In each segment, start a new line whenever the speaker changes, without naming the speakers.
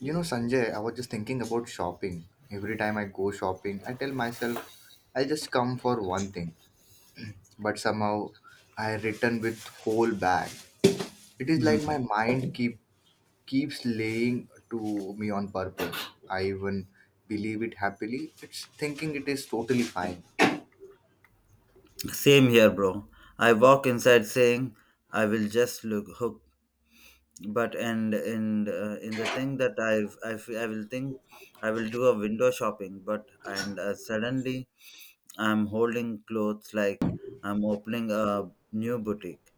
You know, Sanjay, I was just thinking about shopping. Every time I go shopping, I tell myself I'll just come for one thing, but somehow I return with whole bag. It is like
Mhm.
my mind keeps laying to me on purpose. I even believe it happily. It's thinking it is totally fine.
Same here, bro. I walk inside saying I will just look hook, but and in the thing that I will think I will do a window shopping, but and suddenly I'm holding clothes like I'm opening a new boutique.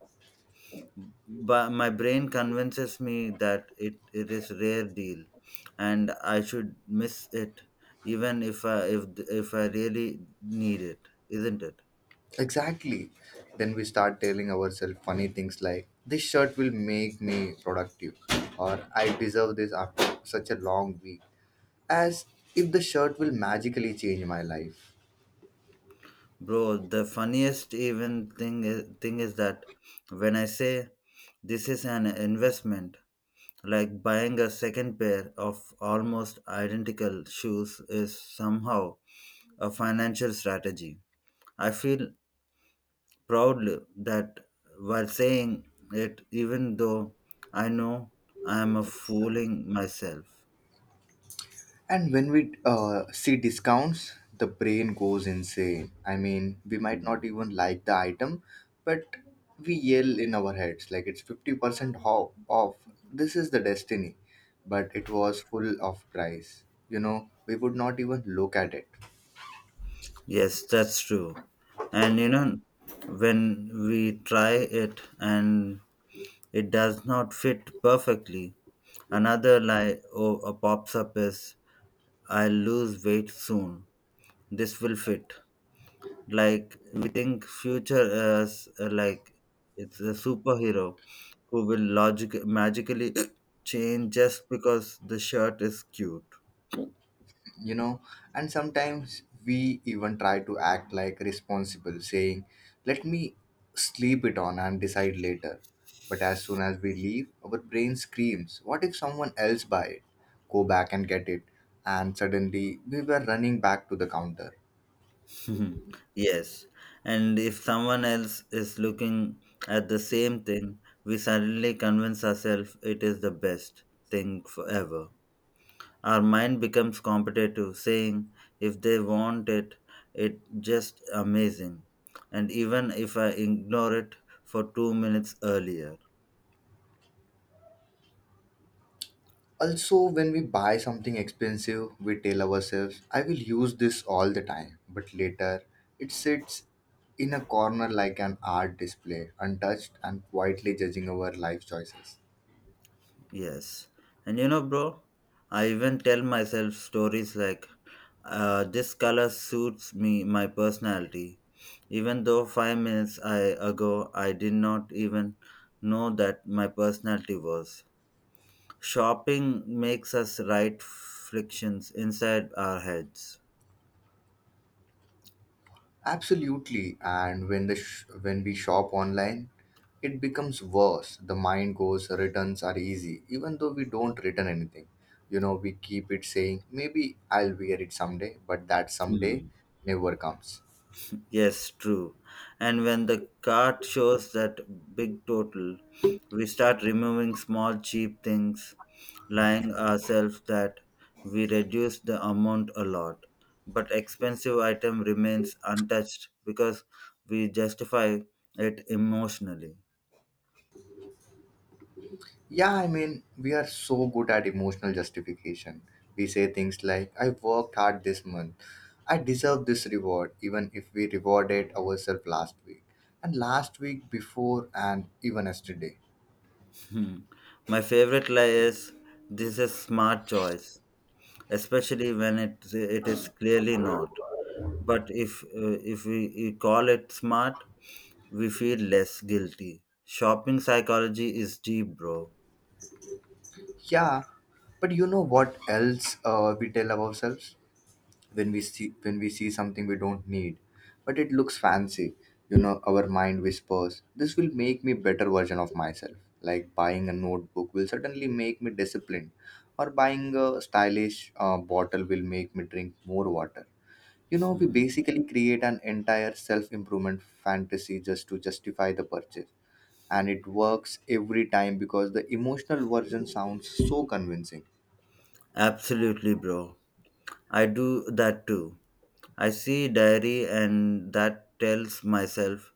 But my brain convinces me that it is rare deal, and I should miss it, even if I really need it, isn't it?
Exactly. Then we start telling ourselves funny things like this shirt will make me productive or I deserve this after such a long week as if the shirt will magically change my life.
Bro, the funniest even thing is that when I say this is an investment, like buying a second pair of almost identical shoes is somehow a financial strategy. I feel proud that while saying it, even though I know I am a fooling myself.
And when we see discounts, the brain goes insane. I mean, we might not even like the item, but we yell in our heads like it's 50% off. This is the destiny. But it was full of price. You know, we would not even look at it.
Yes, that's true. And you know, when we try it and it does not fit perfectly. Another lie pops up is, I'll lose weight soon. This will fit. Like we think future as like it's a superhero who will logic magically change just because the shirt is cute.
You know, and sometimes we even try to act like responsible saying let me sleep it on and decide later, but as soon as we leave our brain screams what if someone else buy it, go back and get it, and suddenly we were running back to the counter.
Yes, and if someone else is looking at the same thing, we suddenly convince ourselves it is the best thing forever. Our mind becomes competitive, saying, if they want it, it just amazing. And even if I ignore it for 2 minutes earlier.
Also, when we buy something expensive we tell ourselves I will use this all the time, but later it sits in a corner like an art display, untouched and quietly judging our life choices.
Yes. And you know, bro, I even tell myself stories like, this color suits me, my personality. Even though 5 minutes ago, I did not even know that my personality was. Shopping makes us write frictions inside our heads.
Absolutely. And when we shop online, it becomes worse. The mind goes returns are easy, even though we don't return anything. You know, we keep it saying maybe I'll wear it someday, but that someday
Hmm.
never comes.
Yes, true. And when the cart shows that big total, we start removing small cheap things, lying ourselves that we reduce the amount a lot. But expensive item remains untouched because we justify it emotionally.
Yeah, I mean, we are so good at emotional justification. We say things like I worked hard this month. I deserve this reward even if we rewarded ourselves last week and last week before and even yesterday.
Hmm. My favorite lie is this is smart choice, especially when it is clearly not. But if we call it smart, we feel less guilty. Shopping psychology is deep, bro.
Yeah, but you know what else we tell ourselves when we see something we don't need, but it looks fancy. You know, our mind whispers, "This will make me better version of myself." Like buying a notebook will certainly make me disciplined, or buying a stylish bottle will make me drink more water. You know, we
Hmm.
basically create an entire self-improvement fantasy just to justify the purchase, and it works every time because the emotional version sounds so convincing.
Absolutely, bro. I do that too. I see diary and that tells myself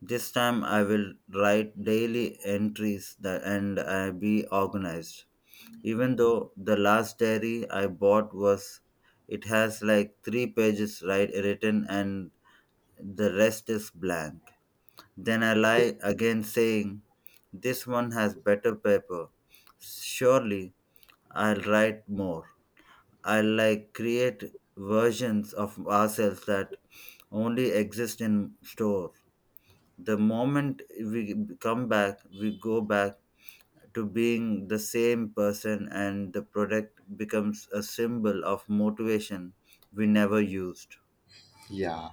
this time I will write daily entries that and I be organized. Even though the last diary I bought was it has like three pages right written and the rest is blank. Then I lie again, saying, this one has better paper. Surely I'll write more. I'll like create versions of ourselves that only exist in store. The moment we come back, we go back to being the same person, and the product becomes a symbol of motivation we never used.
Yeah,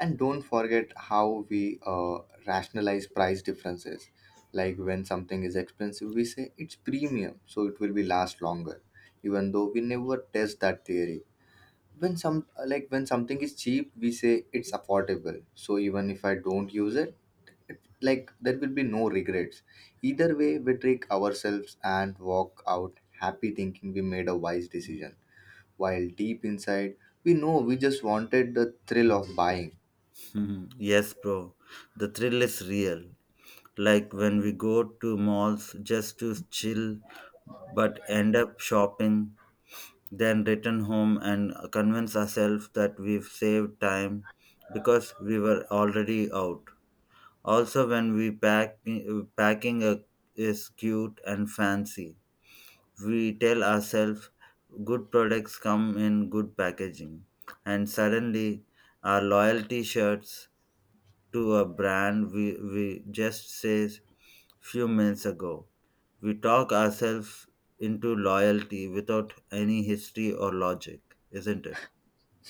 and don't forget how we rationalize price differences. Like when something is expensive, we say it's premium, so it will be last longer, even though we never test that theory. When some like when something is cheap, we say it's affordable. So even if I don't use it, it like there will be no regrets. Either way, we trick ourselves and walk out happy thinking we made a wise decision, while deep inside we know we just wanted the thrill of buying.
Mhm. Yes, bro. The thrill is real. Like when we go to malls just to chill but end up shopping, then return home and convince ourselves that we've saved time because we were already out. Also, when we pack, packing a, is cute and fancy, we tell ourselves good products come in good packaging, and suddenly our loyalty shirts to a brand we just says few minutes ago. We talk ourselves into loyalty without any history or logic, isn't it?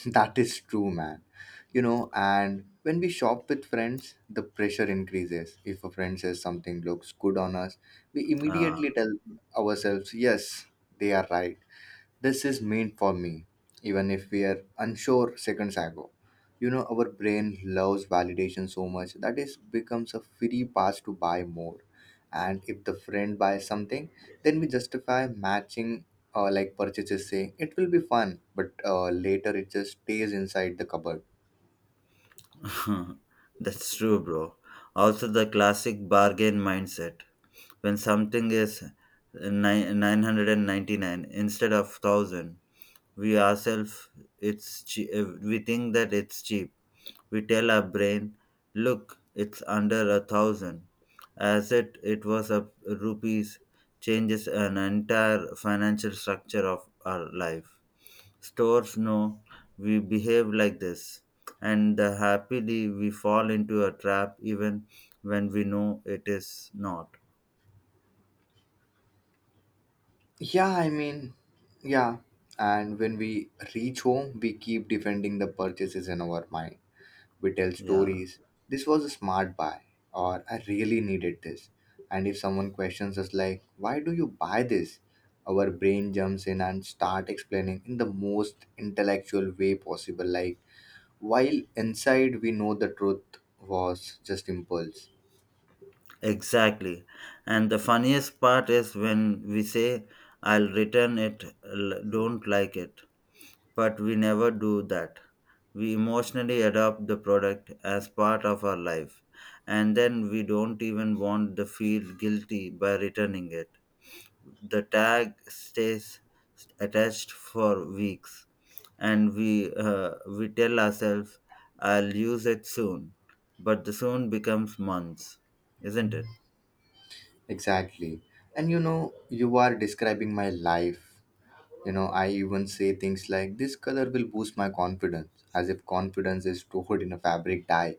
That is true, man. You know, and when we shop with friends, the pressure increases. If a friend says something looks good on us, we
Ah,
immediately tell ourselves, yes, they are right. This is meant for me, even if we are unsure seconds ago. You know, our brain loves validation so much that it becomes a free pass to buy more. And if the friend buys something, then we justify matching like purchases, saying it will be fun, but later it just stays inside the cupboard.
that's true, bro. Also, the classic bargain mindset. When something is 999 instead of 1000, we ourselves we think that it's cheap. We tell our brain, look, it's under a thousand, as it was a rupees changes an entire financial structure of our life. Stores know we behave like this and the happily we fall into a trap even when we know it is not.
Yeah, I mean, yeah. And when we reach home, we keep defending the purchases in our mind. We tell
Yeah.
stories. This was a smart buy, or I really needed this. And if someone questions us, like, why do you buy this? Our brain jumps in and start explaining in the most intellectual way possible. Like, while inside we know the truth was just impulse.
Exactly. And the funniest part is when we say, I'll return it, don't like it. But we never do that. We emotionally adopt the product as part of our life. And then we don't even want to feel guilty by returning it. The tag stays attached for weeks. And we tell ourselves, I'll use it soon. But the soon becomes months, isn't it?
Exactly. And you know, you are describing my life. You know, I even say things like, this color will boost my confidence, as if confidence is stored in a fabric dye.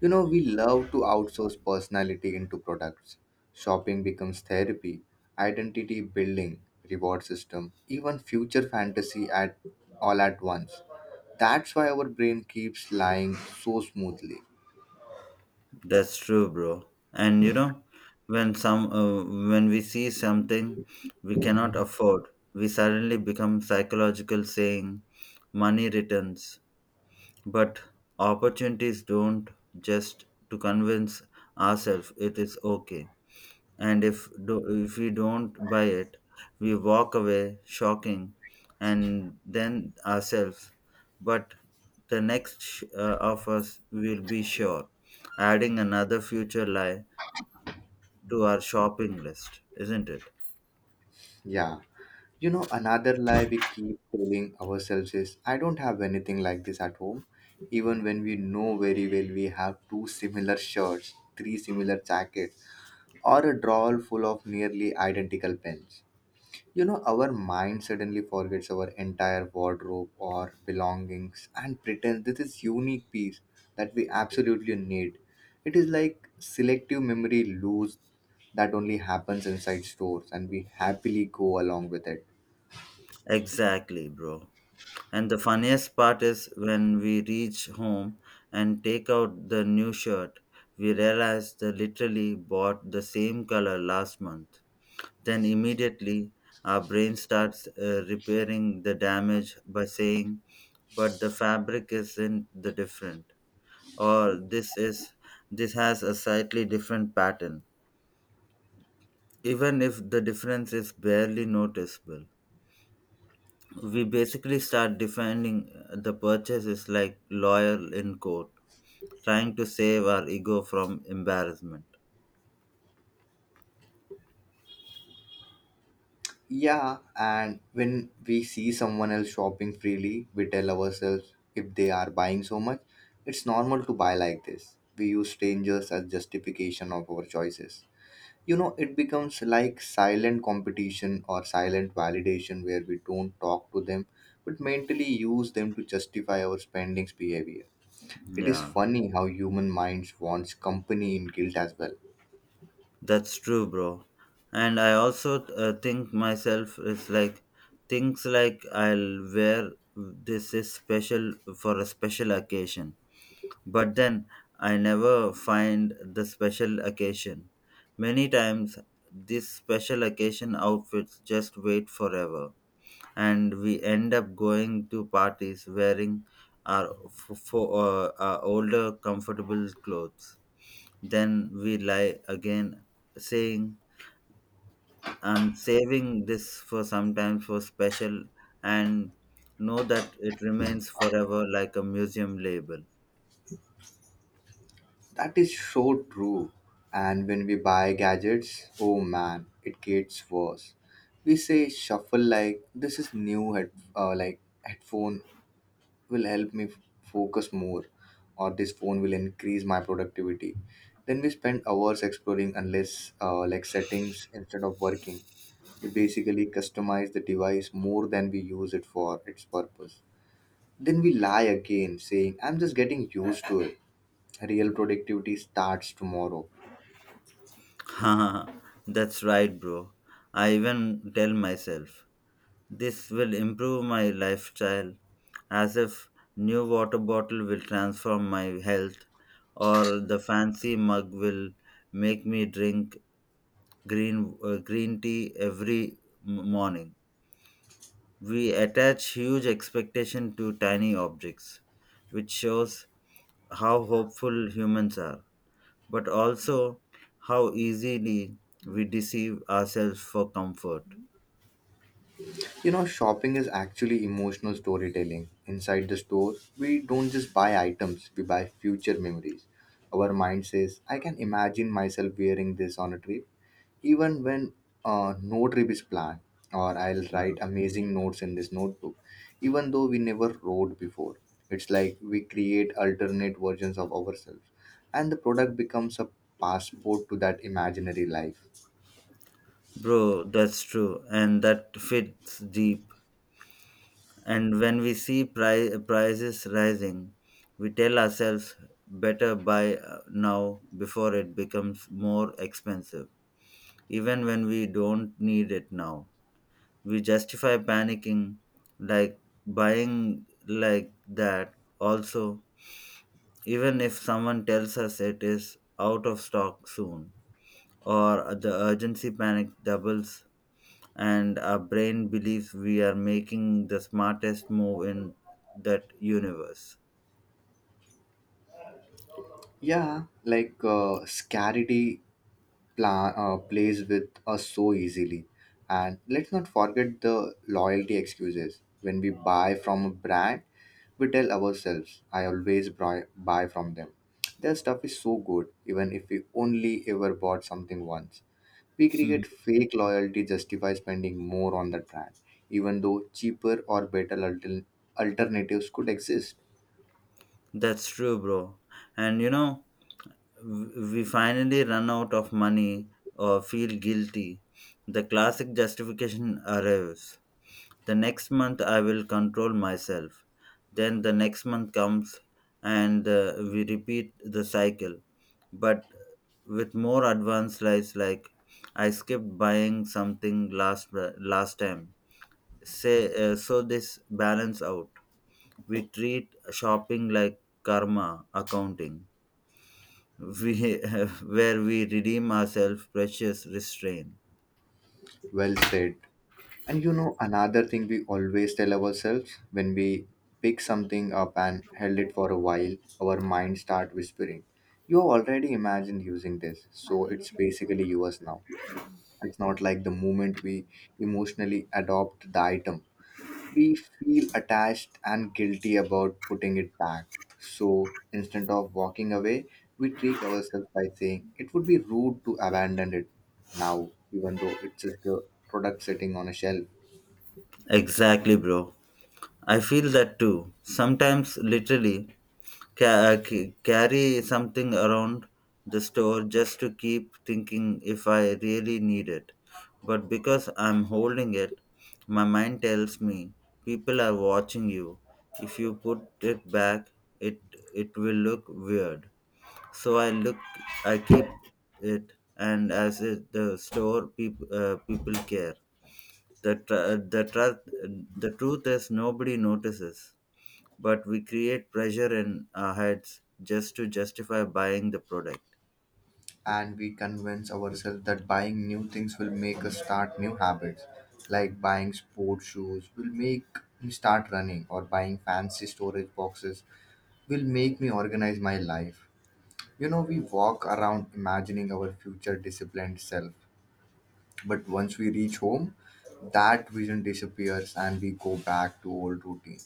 You know, we love to outsource personality into products. Shopping becomes therapy, identity building, reward system, even future fantasy at all at once. That's why our brain keeps lying so smoothly.
That's true, bro. And you know, when some when we see something we cannot afford, we suddenly become psychological saying money returns. But opportunities don't, just to convince ourselves it is okay. And if we don't buy it, we walk away shocking and then ourselves. But the next of us will be sure, adding another future lie to our shopping list, isn't it?
Yeah. You know, another lie we keep telling ourselves is I don't have anything like this at home, even when we know very well we have two similar shirts, three similar jackets, or a drawer full of nearly identical pens. You know, our mind suddenly forgets our entire wardrobe or belongings and pretends this is unique piece that we absolutely need. It is like selective memory loss that only happens inside stores and we happily go along with it.
Exactly, bro. And the funniest part is when we reach home and take out the new shirt, we realize they literally bought the same color last month. Then immediately our brain starts repairing the damage by saying, but the fabric isn't the different, or this is, this has a slightly different pattern. Even if the difference is barely noticeable, we basically start defending the purchase is like lawyer in court trying to save our ego from embarrassment.
Yeah, and when we see someone else shopping freely, we tell ourselves if they are buying so much, it's normal to buy like this. We use strangers as justification of our choices. You know, it becomes like silent competition or silent validation where we don't talk to them but mentally use them to justify our spendings behavior. It is
Yeah.
funny how human minds wants company in guilt as well.
That's true, bro. And I also think myself is like things like I'll wear this is special for a special occasion, but then I never find the special occasion. Many times, this special occasion outfits just wait forever, and we end up going to parties wearing our older comfortable clothes. Then we lie again, saying, I'm saving this for sometimes for special and know that it remains forever like a museum label.
That is so true. And when we buy gadgets, oh man, it gets worse. We say shuffle like this is new head like headphone will help me focus more, or this phone will increase my productivity. Then we spend hours exploring unless like settings instead of working. We basically customize the device more than we use it for its purpose. Then we lie again saying I'm just getting used to it. Real productivity starts tomorrow.
Haha, that's right, bro. I even tell myself this will improve my lifestyle as if new water bottle will transform my health, or the fancy mug will make me drink green tea every morning. We attach huge expectation to tiny objects, which shows how hopeful humans are, but also how easily we deceive ourselves for comfort.
You know, shopping is actually emotional storytelling. Inside the store, we don't just buy items, we buy future memories. Our mind says, I can imagine myself wearing this on a trip, even when no trip is planned, or I'll write amazing notes in this notebook, even though we never wrote before. It's like we create alternate versions of ourselves, and the product becomes a passport to that imaginary life.
Bro, that's true, and that fits deep. And when we see prices rising, we tell ourselves better buy now before it becomes more expensive, even when we don't need it now. We justify panicking like buying like that also, even if someone tells us it is out of stock soon, or the urgency panic doubles, and our brain believes we are making the smartest move in that universe.
Yeah, like scarcity plays with us so easily. And let's not forget the loyalty excuses. When we buy from a brand, we tell ourselves, I always buy from them. Their stuff is so good, even if we only ever bought something once. We create fake loyalty justify spending more on the brand, even though cheaper or better alternatives could exist.
That's true, bro. And you know, we finally run out of money or feel guilty, the classic justification arrives. The next month I will control myself. Then the next month comes and we repeat the cycle. But with more advanced lives like I skipped buying something last time. Say so this balance out. We treat shopping like karma accounting. We where we redeem ourselves precious restraint.
Well said. And you know, another thing we always tell ourselves when we pick something up and held it for a while, our mind start whispering, you already imagined using this, so it's basically yours now. It's not like the moment we emotionally adopt the item, we feel attached and guilty about putting it back. So instead of walking away, we trick ourselves by saying it would be rude to abandon it now, even though it's just a product sitting on a shelf.
Exactly, bro. I feel that too. Sometimes, literally, carry something around the store just to keep thinking if I really need it. But because I'm holding it, my mind tells me people are watching you. If you put it back, it it will look weird. So I look, I keep it, and as it, the store people care. The the truth is nobody notices but we create pressure in our heads just to justify buying the product.
And we convince ourselves that buying new things will make us start new habits, like buying sport shoes will make me start running, or buying fancy storage boxes will make me organize my life. You know, we walk around imagining our future disciplined self, but once we reach home that vision disappears and we go back to old routine.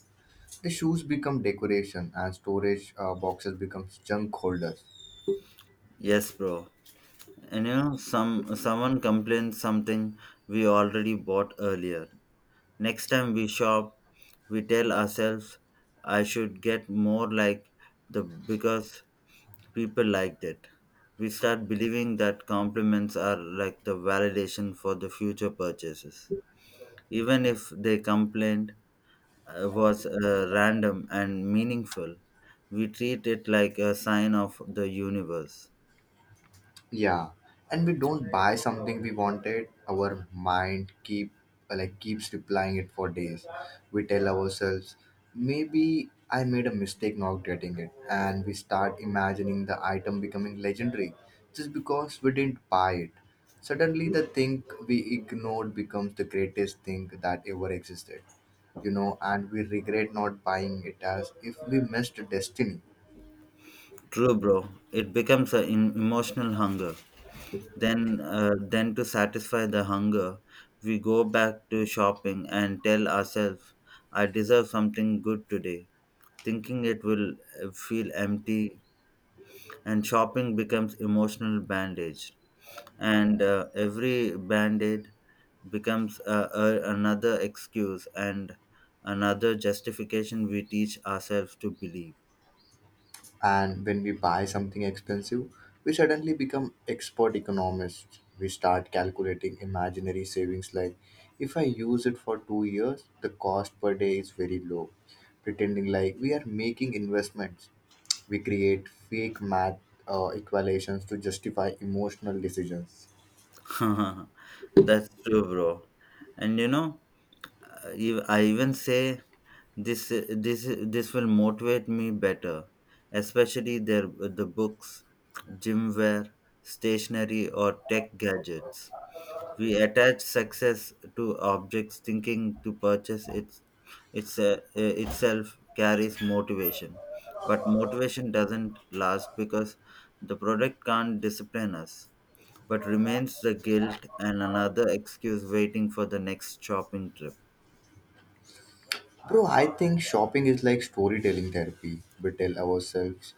The shoes become decoration and storage boxes becomes junk holders.
Yes, bro. And you know, someone complains something we already bought earlier. Next time we shop, we tell ourselves, "I should get more like the because people liked it." We start believing that compliments are like the validation for the future purchases. Even if they complained, was random and meaningful. We treat it like a sign of the universe.
Yeah, and we don't buy something we wanted. Our mind keeps replying it for days. We tell ourselves, maybe I made a mistake not getting it, and we start imagining the item becoming legendary just because we didn't buy it. Suddenly, the thing we ignored becomes the greatest thing that ever existed, you know, and we regret not buying it as if we missed destiny.
True, bro. It becomes an emotional hunger. Then to satisfy the hunger, we go back to shopping and tell ourselves, "I deserve something good today." Thinking it will feel empty, and shopping becomes emotional bandage. And every band-aid becomes another excuse and another justification we teach ourselves to believe.
And when we buy something expensive, we suddenly become expert economists. We start calculating imaginary savings like if I use it for 2 years, the cost per day is very low, pretending like we are making investments. We create fake math equations to justify emotional decisions.
That's true, bro. And you know, I even say this will motivate me better, especially their the books, gym wear, stationery or tech gadgets. We attach success to objects, thinking to purchase itself carries motivation. But motivation doesn't last because the product can't discipline us, but remains the guilt and another excuse waiting for the next shopping trip.
Bro, I think shopping is like storytelling therapy. We tell ourselves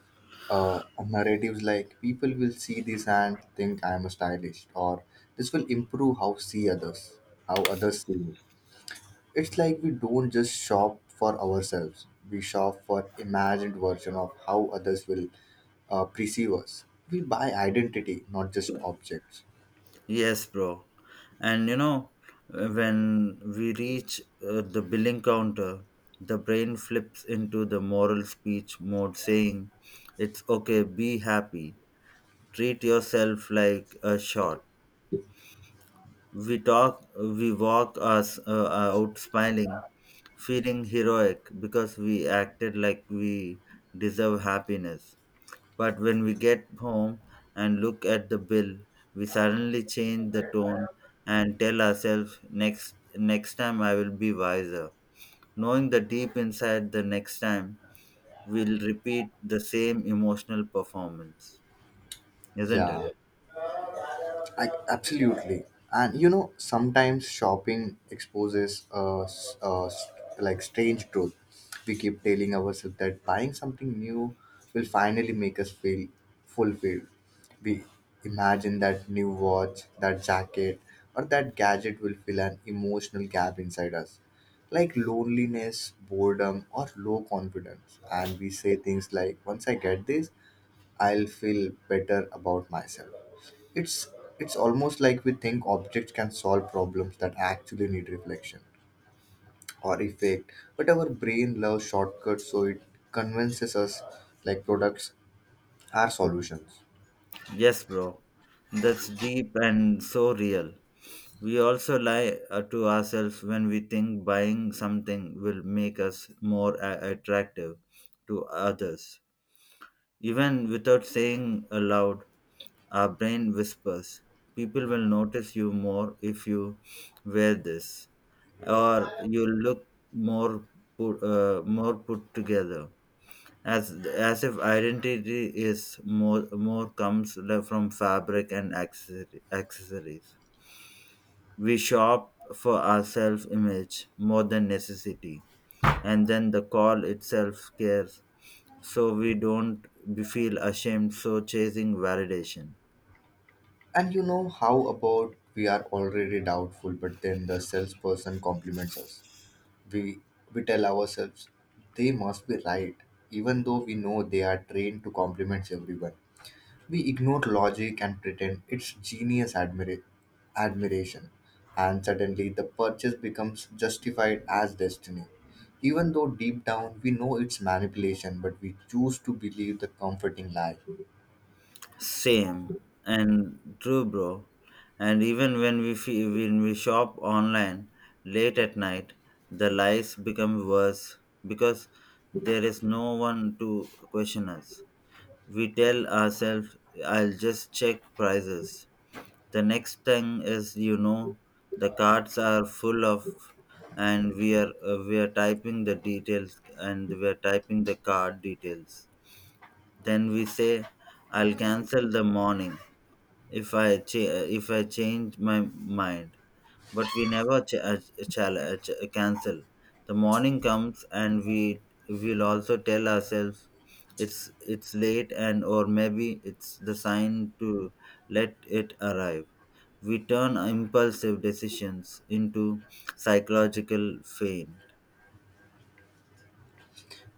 narratives like people will see this and think I'm a stylist, or this will improve how see others, how others see me. It's like we don't just shop for ourselves; we shop for imagined version of how others will perceive us. We buy identity, not just objects.
Yes, bro. And you know, when we reach the billing counter, the brain flips into the moral speech mode saying, it's okay, be happy. Treat yourself like a shot. We walk us out smiling, feeling heroic because we acted like we deserve happiness. But when we get home and look at the bill, we suddenly change the tone and tell ourselves, next time I will be wiser. Knowing the deep inside the next time we'll repeat the same emotional performance, isn't
Yeah,
it?
yeah. I, absolutely. And you know, sometimes shopping exposes like strange truth. We keep telling ourselves that buying something new will finally make us feel fulfilled. We imagine that new watch, that jacket, or that gadget will fill an emotional gap inside us, like loneliness, boredom, or low confidence. And we say things like, once I get this, I'll feel better about myself. It's it's almost like we think objects can solve problems that actually need reflection or effect, but our brain loves shortcuts, so it convinces us like products are solutions.
Yes, bro. That's deep and so real. We also lie to ourselves when we think buying something will make us more attractive to others. Even without saying aloud, our brain whispers, people will notice you more if you wear this, or you look more more put together, as if identity is more from fabric and accessories. We shop for our self image more than necessity, and then the call itself cares, so we don't feel ashamed, so chasing validation.
And you know how about we are already doubtful, but then the salesperson compliments us. We we tell ourselves they must be right, even though we know they are trained to compliment everyone. We ignore logic and pretend it's genius admiration, and suddenly the purchase becomes justified as destiny. Even though deep down we know it's manipulation, but we choose to believe the comforting lie.
Same and true, bro. And even when when we shop online late at night, the lies become worse because there is no one to question us. We tell ourselves, "I'll just check prices." The next thing is, you know, the cards are full of, and we are typing the details, and we are typing the card details. Then we say, "I'll cancel the morning, if I change my mind." But we never cancel. The morning comes and we will also tell ourselves it's late, and or maybe it's the sign to let it arrive. We turn impulsive decisions into psychological feign.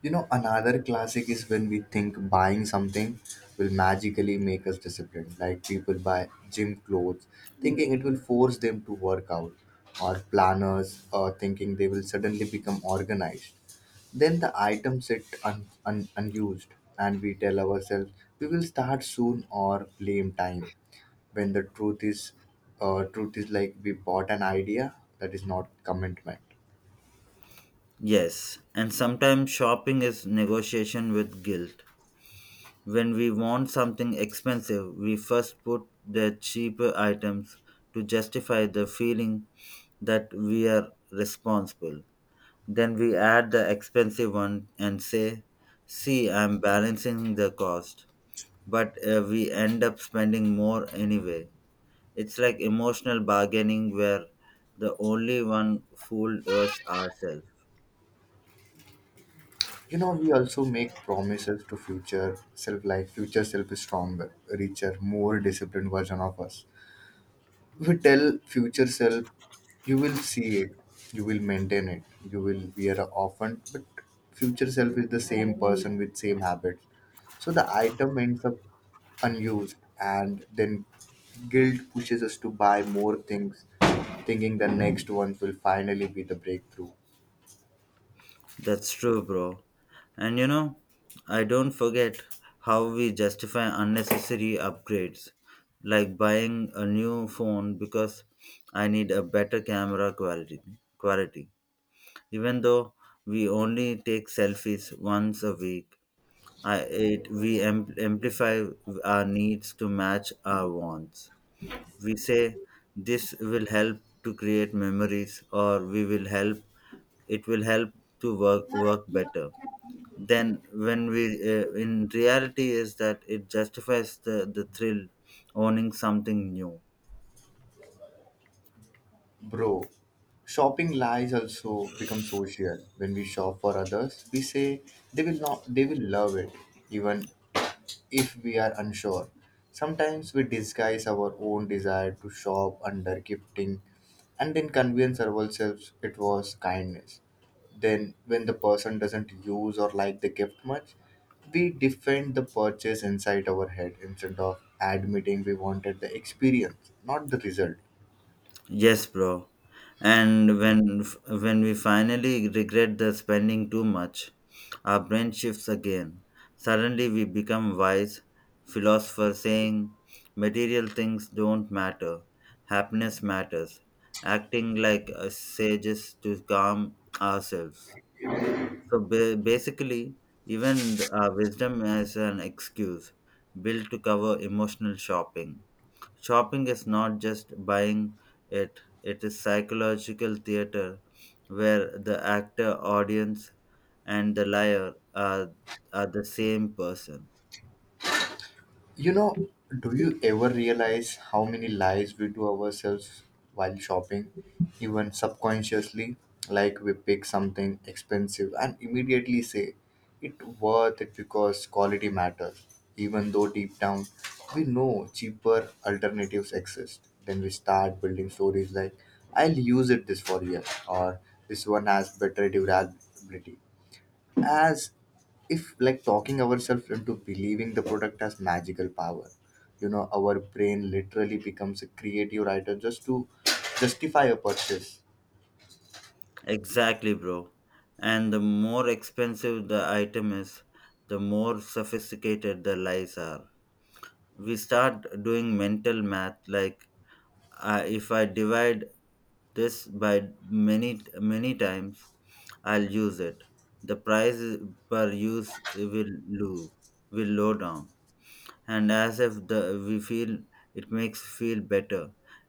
You know, another classic is when we think buying something will magically make us disciplined. Like people buy gym clothes thinking it will force them to work out, or planners thinking they will suddenly become organized. Then the items sit unused, and we tell ourselves we will start soon or blame time. When the truth is like we bought an idea that is not commitment.
Yes, and sometimes shopping is negotiation with guilt. When we want something expensive, we first put the cheaper items to justify the feeling that we are responsible. Then we add the expensive one and say, see, I'm balancing the cost. But we end up spending more anyway. It's like emotional bargaining where the only one fooled was ourselves.
You know, we also make promises to future self, like future self is stronger, richer, more disciplined version of us. We tell future self, you will see it, you will maintain it, you will wear a often, but future self is the same person with same habits. So the item ends up unused and then guilt pushes us to buy more things thinking the next ones will finally be the breakthrough.
That's true, bro. And you know, I don't forget how we justify unnecessary upgrades, like buying a new phone because I need a better camera quality. Quality, even though we only take selfies once a week, I it we am, amplify our needs to match our wants. We say this will help to create memories, or we will help. It will help to work better. Then when we in reality is that it justifies the thrill owning something new.
Bro, shopping lies also become social. When we shop for others, we say they will love it. Even if we are unsure. Sometimes we disguise our own desire to shop under gifting and then convince ourselves it was kindness. Then, when the person doesn't use or like the gift much, we defend the purchase inside our head instead of admitting we wanted the experience, not the result.
Yes, bro. And when when we finally regret the spending too much, our brain shifts again. Suddenly we become wise philosopher saying material things don't matter, happiness matters, acting like sages to calm ourselves. So basically, even wisdom is an excuse built to cover emotional shopping. Shopping is not just buying it, it is psychological theater where the actor, audience, and the liar are the same person.
You know, do you ever realize how many lies we do ourselves while shopping, even subconsciously? Like we pick something expensive and immediately say it worth it because quality matters, even though deep down we know cheaper alternatives exist. Then we start building stories like I'll use it this for years, or this one has better durability, as if like talking ourselves into believing the product has magical power. You know, our brain literally becomes a creative writer just to justify a purchase.
Exactly, bro. And the more expensive the item is, the more sophisticated the lies are. We start doing mental math like I if I divide this by many many times, I'll use it. The price per use will low down, and as if the we feel it makes feel better,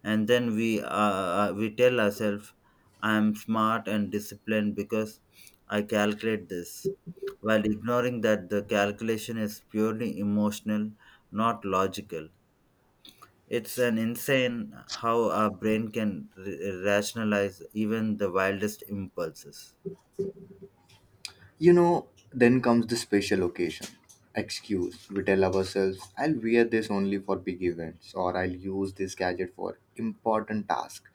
and then we tell ourselves, I'm smart and disciplined because I calculate this, while ignoring that the calculation is purely emotional, not logical. It's an insane how our brain can rationalize even the wildest impulses.
You know, then comes the special occasion. Excuse. We tell ourselves, I'll wear this only for big events or I'll use this gadget for important tasks.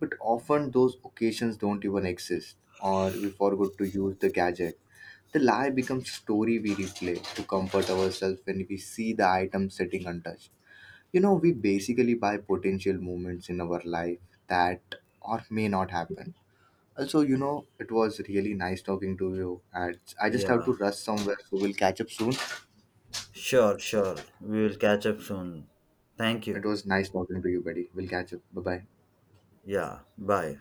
But often those occasions don't even exist or we forgot to use the gadget. The lie becomes story we replay to comfort ourselves when we see the item sitting untouched. You know, we basically buy potential moments in our life that or may not happen also, you know, it was really nice talking to you. And I just have to
Yeah,
rush somewhere, so we'll catch up soon.
sure, sure. We will catch up soon. Thank
It
you.
was nice talking to you, buddy. We'll catch up. Bye bye.
Yeah, bye.